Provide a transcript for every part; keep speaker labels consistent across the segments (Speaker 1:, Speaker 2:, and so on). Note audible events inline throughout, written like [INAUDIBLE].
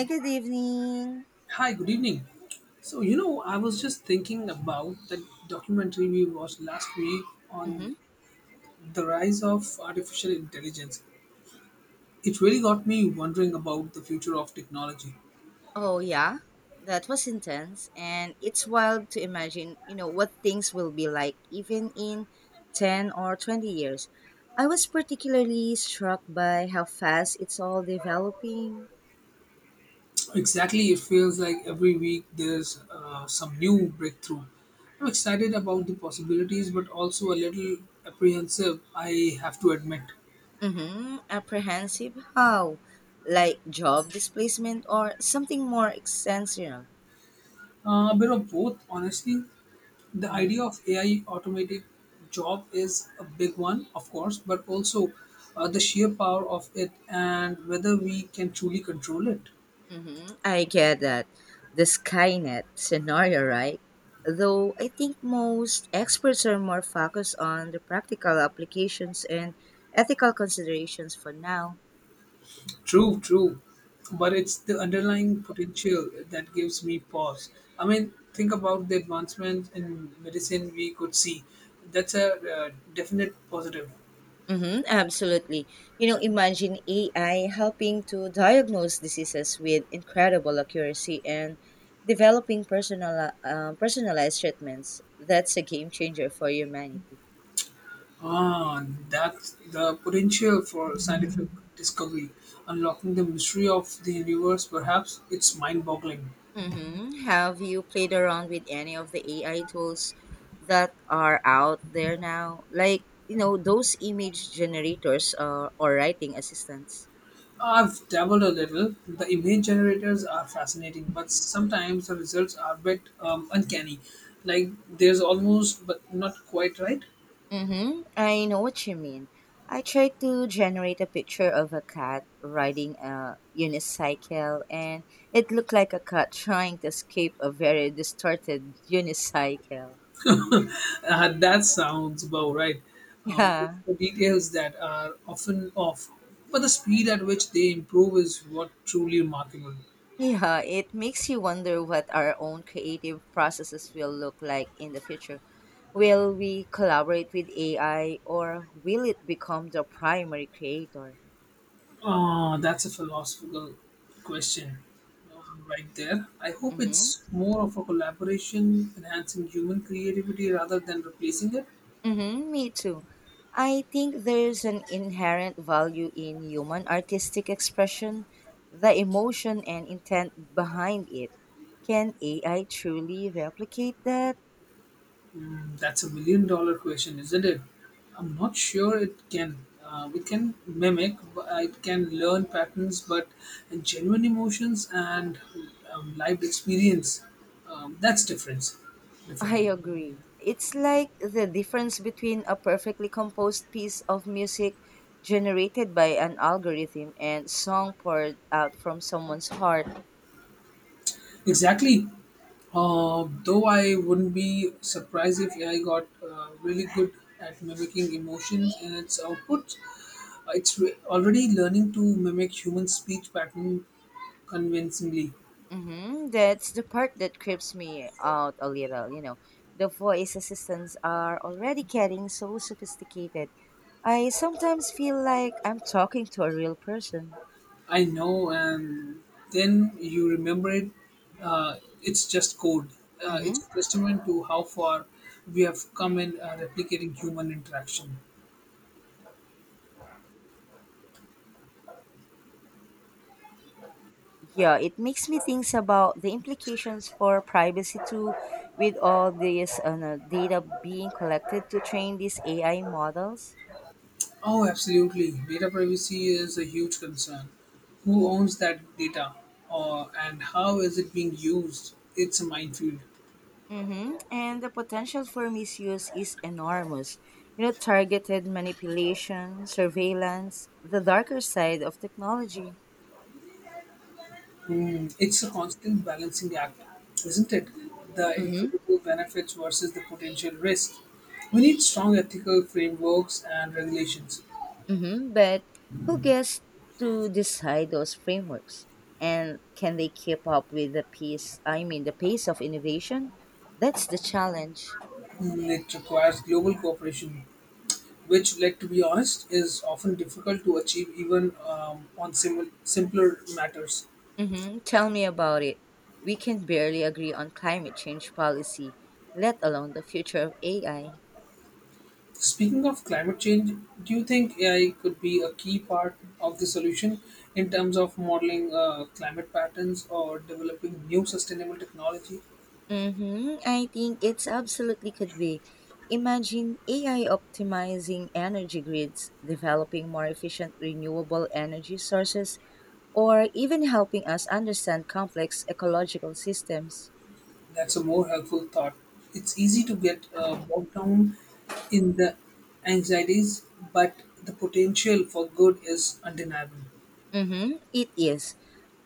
Speaker 1: Hi, good evening.
Speaker 2: Hi, good evening. I was just thinking about that documentary we watched last week on
Speaker 1: Mm-hmm.
Speaker 2: the rise of artificial intelligence. It really got me wondering about the future of technology.
Speaker 1: Oh, yeah. That was intense. And it's wild to imagine, you know, what things will be like even in 10 or 20 years. I was particularly struck by how fast it's all developing.
Speaker 2: Exactly, it feels like every week there's some new breakthrough. I'm excited about the possibilities, but also a little apprehensive, I have to admit.
Speaker 1: Mm-hmm. Apprehensive. How? Like job displacement or something more existential.
Speaker 2: A bit of both, honestly. The idea of AI automated job is a big one, of course, but also the sheer power of it and whether we can truly control it.
Speaker 1: Hmm, I get that. The Skynet scenario, right? Though I think most experts are more focused on the practical applications and ethical considerations for now.
Speaker 2: True, true. But it's the underlying potential that gives me pause. I mean, think about the advancements in medicine we could see. That's a definite positive.
Speaker 1: Mm-hmm, absolutely. You know, imagine AI helping to diagnose diseases with incredible accuracy and developing personalized treatments. That's a game changer for humanity.
Speaker 2: Ah, that's the potential for scientific discovery, unlocking the mystery of the universe. Perhaps it's mind-boggling.
Speaker 1: Mm-hmm. Have you played around with any of the AI tools that are out there now? Like, you know, those image generators or writing assistants?
Speaker 2: I've dabbled a little. The image generators are fascinating, but sometimes the results are a bit uncanny. Like there's almost, but not quite right. [LAUGHS]
Speaker 1: Mm-hmm. I know what you mean. I tried to generate a picture of a cat riding a unicycle, and it looked like a cat trying to escape a very distorted unicycle. [LAUGHS]
Speaker 2: That sounds about right. It's
Speaker 1: Yeah.
Speaker 2: the details that are often off, but the speed at which they improve is what truly remarkable.
Speaker 1: Yeah, it makes you wonder what our own creative processes will look like in the future. Will we collaborate with AI or will it become the primary creator?
Speaker 2: Ah, that's a philosophical question right there. I hope
Speaker 1: Mm-hmm.
Speaker 2: it's more of a collaboration, enhancing human creativity rather than replacing it.
Speaker 1: Mm-hmm, me too. I think there's an inherent value in human artistic expression, the emotion and intent behind it. Can AI truly replicate that?
Speaker 2: Mm, that's a million dollar question, isn't it? I'm not sure it can. It can mimic, but it can learn patterns, but genuine emotions and lived experience, that's different. Different.
Speaker 1: I agree. It's like the difference between a perfectly composed piece of music generated by an algorithm and song poured out from someone's heart.
Speaker 2: Exactly. Though I wouldn't be surprised if AI got really good at mimicking emotions in its output. Already learning to mimic human speech pattern convincingly.
Speaker 1: Hmm, that's the part that creeps me out a little, you know. The voice assistants are already getting so sophisticated. I sometimes feel like I'm talking to a real person.
Speaker 2: I know, and then you remember it. Uh, it's just code.
Speaker 1: Mm-hmm.
Speaker 2: It's a testament to how far we have come in replicating human interaction.
Speaker 1: Yeah, it makes me think about the implications for privacy too, with all this no, data being collected to train these AI models.
Speaker 2: Oh, absolutely. Data privacy is a huge concern. Who owns that data, or and how is it being used? It's a minefield.
Speaker 1: Mm-hmm. And the potential for misuse is enormous. You know, targeted manipulation, surveillance, the darker side of technology.
Speaker 2: Mm, it's a constant balancing act, isn't it? The
Speaker 1: Mm-hmm.
Speaker 2: incredible benefits versus the potential risk. We need strong ethical frameworks and regulations.
Speaker 1: Mm-hmm. But who gets to decide those frameworks? And can they keep up with the pace? I mean, the pace of innovation? That's the challenge.
Speaker 2: Mm, it requires global cooperation, which, let to be honest, is often difficult to achieve even simpler matters.
Speaker 1: Mm-hmm. Tell me about it. We can barely agree on climate change policy, let alone the future of AI.
Speaker 2: Speaking of climate change, do you think AI could be a key part of the solution in terms of modeling climate patterns or developing new sustainable technology?
Speaker 1: Mm-hmm. I think it's absolutely could be. Imagine AI optimizing energy grids, developing more efficient renewable energy sources, or even helping us understand complex ecological systems.
Speaker 2: That's a more helpful thought. It's easy to get bogged down in the anxieties, but the potential for good is undeniable.
Speaker 1: Mm-hmm, it is.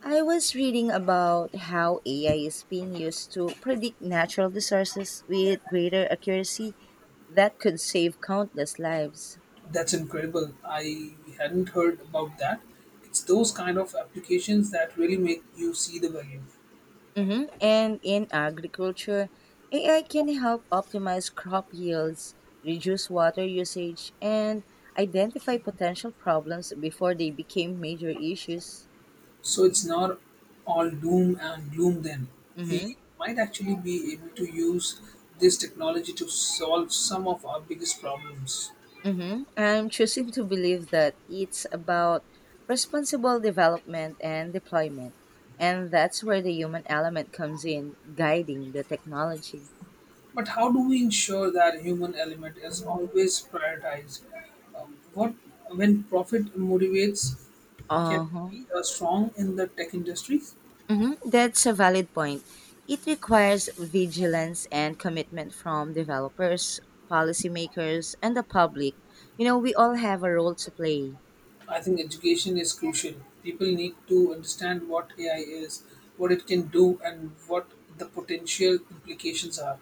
Speaker 1: I was reading about how AI is being used to predict natural disasters with greater accuracy that could save countless lives.
Speaker 2: That's incredible. I hadn't heard about that. It's those kind of applications that really make you see the value.
Speaker 1: Mm-hmm. And in agriculture, AI can help optimize crop yields, reduce water usage, and identify potential problems before they became major issues.
Speaker 2: So it's not all doom and gloom then. We
Speaker 1: Mhm.
Speaker 2: might actually be able to use this technology to solve some of our biggest problems.
Speaker 1: Mm-hmm. I'm choosing to believe that it's about responsible development and deployment. And that's where the human element comes in, guiding the technology.
Speaker 2: But how do we ensure that human element is always prioritized? What when profit motivates can
Speaker 1: Uh-huh.
Speaker 2: we be strong in the tech industry?
Speaker 1: Mm-hmm. That's a valid point. It requires vigilance and commitment from developers, policymakers, and the public. You know, we all have a role to play.
Speaker 2: I think education is crucial. People need to understand what AI is, what it can do, and what the potential implications are.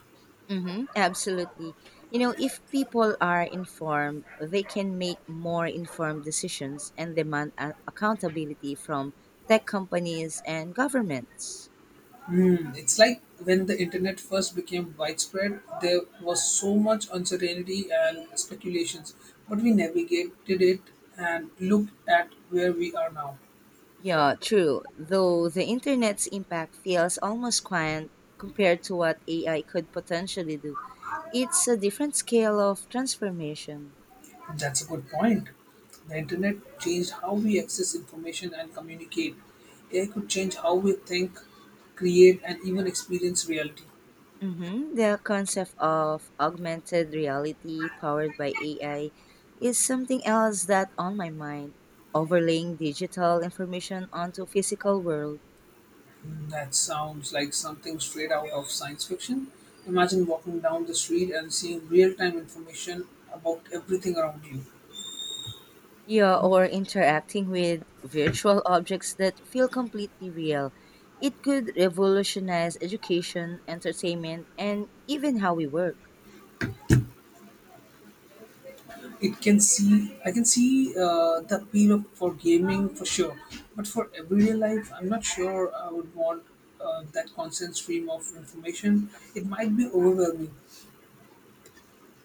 Speaker 1: Mm-hmm, absolutely. You know, if people are informed, they can make more informed decisions and demand accountability from tech companies and governments.
Speaker 2: Hmm, it's like when the internet first became widespread, there was so much uncertainty and speculations, but we navigated it and look at where we are now.
Speaker 1: Yeah, true. Though the internet's impact feels almost quiet compared to what AI could potentially do, it's a different scale of transformation.
Speaker 2: That's a good point. The internet changed how we access information and communicate. AI could change how we think, create, and even experience reality.
Speaker 1: Hmm, the concept of augmented reality powered by AI is something else that on my mind, overlaying digital information onto physical world.
Speaker 2: That sounds like something straight out of science fiction. Imagine walking down the street and seeing real-time information about everything around you.
Speaker 1: Yeah, or interacting with virtual objects that feel completely real. It could revolutionize education, entertainment, and even how we work.
Speaker 2: I can see the appeal of, for gaming for sure, but for everyday life, I'm not sure I would want that constant stream of information. It might be overwhelming.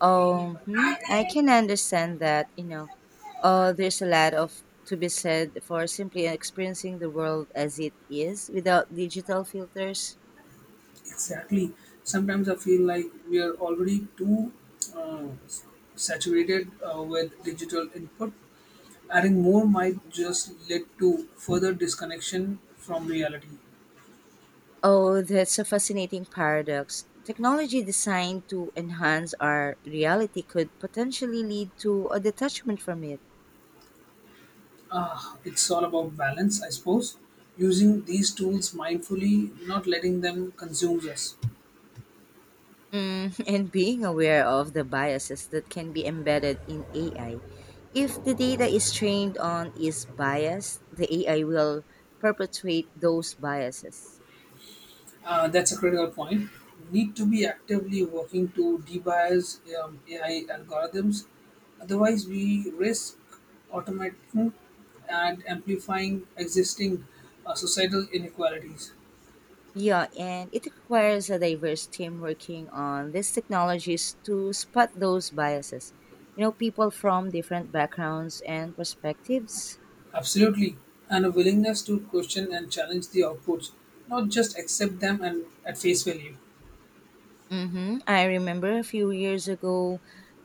Speaker 1: I can understand that, you know, there's a lot of to be said for simply experiencing the world as it is without digital filters.
Speaker 2: Exactly. Sometimes I feel like we are already too uh, saturated with digital input. Adding more might just lead to further disconnection from reality.
Speaker 1: Oh, that's a fascinating paradox. Technology designed to enhance our reality could potentially lead to a detachment from it.
Speaker 2: Ah, it's all about balance, I suppose. Using these tools mindfully, not letting them consume us.
Speaker 1: Mm, [LAUGHS] and being aware of the biases that can be embedded in AI. If the data is trained on is biased, the AI will perpetuate those biases.
Speaker 2: That's a critical point. Need to be actively working to debias AI algorithms. Otherwise, we risk automating and amplifying existing societal inequalities.
Speaker 1: Yeah, and it requires a diverse team working on these technologies to spot those biases. You know, people from different backgrounds and perspectives.
Speaker 2: Absolutely. And a willingness to question and challenge the outputs, not just accept them and at face value.
Speaker 1: Mm-hmm. I remember a few years ago,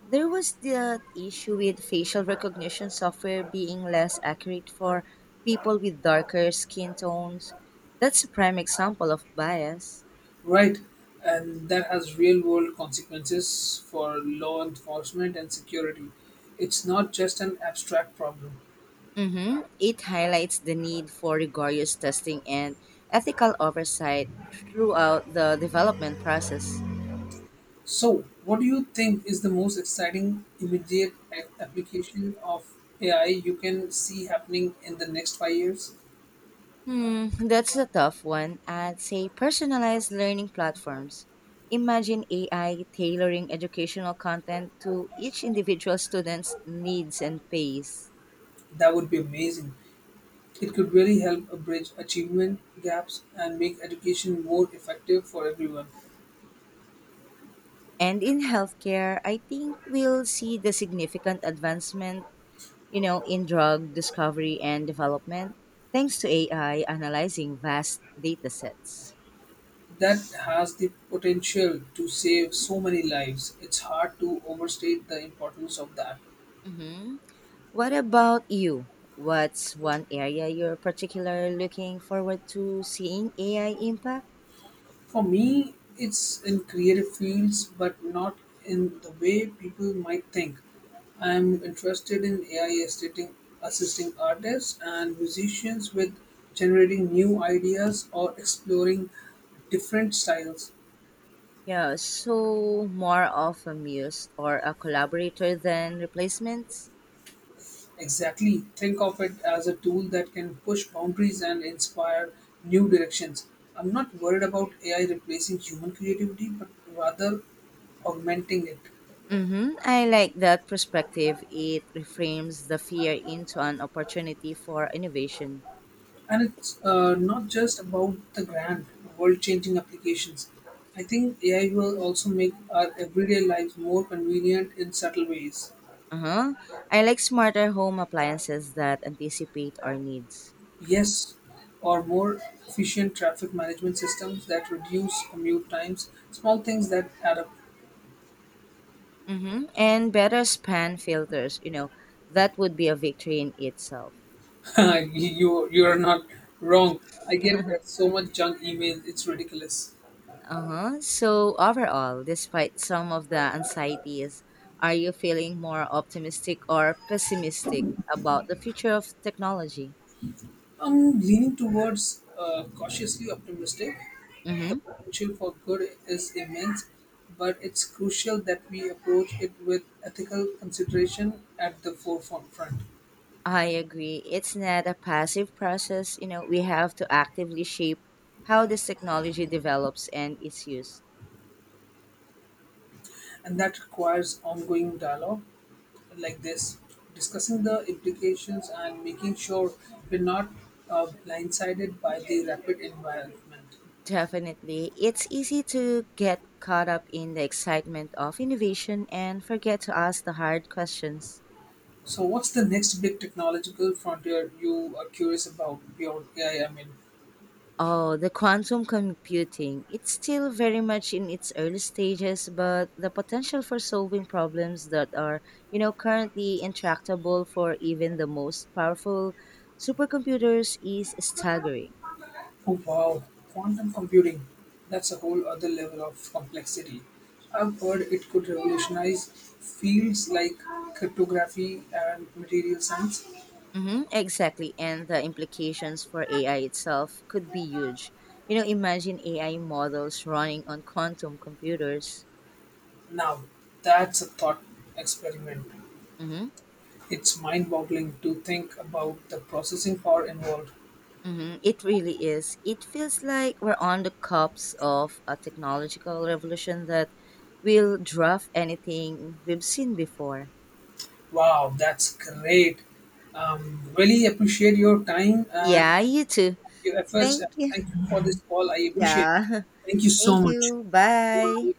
Speaker 1: there was the issue with facial recognition software being less accurate for people with darker skin tones. That's a prime example of bias.
Speaker 2: Right. And that has real world consequences for law enforcement and security. It's not just an abstract problem.
Speaker 1: Mm-hmm. It highlights the need for rigorous testing and ethical oversight throughout the development process.
Speaker 2: So, what do you think is the most exciting immediate application of AI you can see happening in the next 5 years?
Speaker 1: Hmm, that's a tough one. I'd say personalized learning platforms. Imagine AI tailoring educational content to each individual student's needs and pace.
Speaker 2: That would be amazing. It could really help bridge achievement gaps and make education more effective for everyone.
Speaker 1: And in healthcare, I think we'll see the significant advancement, you know, in drug discovery and development thanks to AI analyzing vast data sets.
Speaker 2: That has the potential to save so many lives. It's hard to overstate the importance of that.
Speaker 1: Mm-hmm. What about you? What's one area you're particularly looking forward to seeing AI impact?
Speaker 2: For me, it's in creative fields, but not in the way people might think. I'm interested in AI assisting artists and musicians with generating new ideas or exploring different styles.
Speaker 1: Yeah, so more of a muse or a collaborator than replacements.
Speaker 2: Exactly. Think of it as a tool that can push boundaries and inspire new directions. I'm not worried about AI replacing human creativity, but rather augmenting it.
Speaker 1: Mm-hmm. I like that perspective. It reframes the fear into an opportunity for innovation.
Speaker 2: And it's not just about the grand, world changing applications. I think AI will also make our everyday lives more convenient in subtle ways.
Speaker 1: Uh-huh. I like smarter home appliances that anticipate our needs.
Speaker 2: Yes, or more efficient traffic management systems that reduce commute times, small things that add up.
Speaker 1: Mm-hmm. And better span filters, you know, that would be a victory in itself.
Speaker 2: [LAUGHS] You're not wrong. I get so much junk email, it's ridiculous.
Speaker 1: Uh-huh. So overall, despite some of the anxieties, are you feeling more optimistic or pessimistic about the future of technology?
Speaker 2: I'm leaning towards cautiously optimistic. The
Speaker 1: Mm-hmm.
Speaker 2: potential for good is immense, but it's crucial that we approach it with ethical consideration at the forefront, front.
Speaker 1: I agree. It's not a passive process. You know, we have to actively shape how this technology develops and is used.
Speaker 2: And that requires ongoing dialogue like this, discussing the implications and making sure we're not blindsided by the rapid environment.
Speaker 1: Definitely. It's easy to get caught up in the excitement of innovation and forget to ask the hard questions.
Speaker 2: So, what's the next big technological frontier you are curious about beyond AI? I mean,
Speaker 1: Oh, the quantum computing. It's still very much in its early stages, but the potential for solving problems that are, you know, currently intractable for even the most powerful supercomputers is staggering.
Speaker 2: oh wow, quantum computing. That's a whole other level of complexity. I've heard it could revolutionize fields like cryptography and material science.
Speaker 1: Mm-hmm, exactly. And the implications for AI itself could be huge. You know, imagine AI models running on quantum computers.
Speaker 2: Now, that's a thought experiment.
Speaker 1: Mm-hmm.
Speaker 2: It's mind boggling to think about the processing power involved.
Speaker 1: Hmm, it really is. It feels like we're on the cusp of a technological revolution that will draft anything we've seen before.
Speaker 2: Wow, that's great.
Speaker 1: Hmm.
Speaker 2: Really appreciate your time and
Speaker 1: Yeah, you too.
Speaker 2: your efforts.
Speaker 1: Thank
Speaker 2: And
Speaker 1: you.
Speaker 2: thank you
Speaker 1: [LAUGHS]
Speaker 2: for this call. I appreciate
Speaker 1: Yeah.
Speaker 2: it. Thank you
Speaker 1: [LAUGHS]
Speaker 2: so
Speaker 1: Thank
Speaker 2: much.
Speaker 1: you. Bye.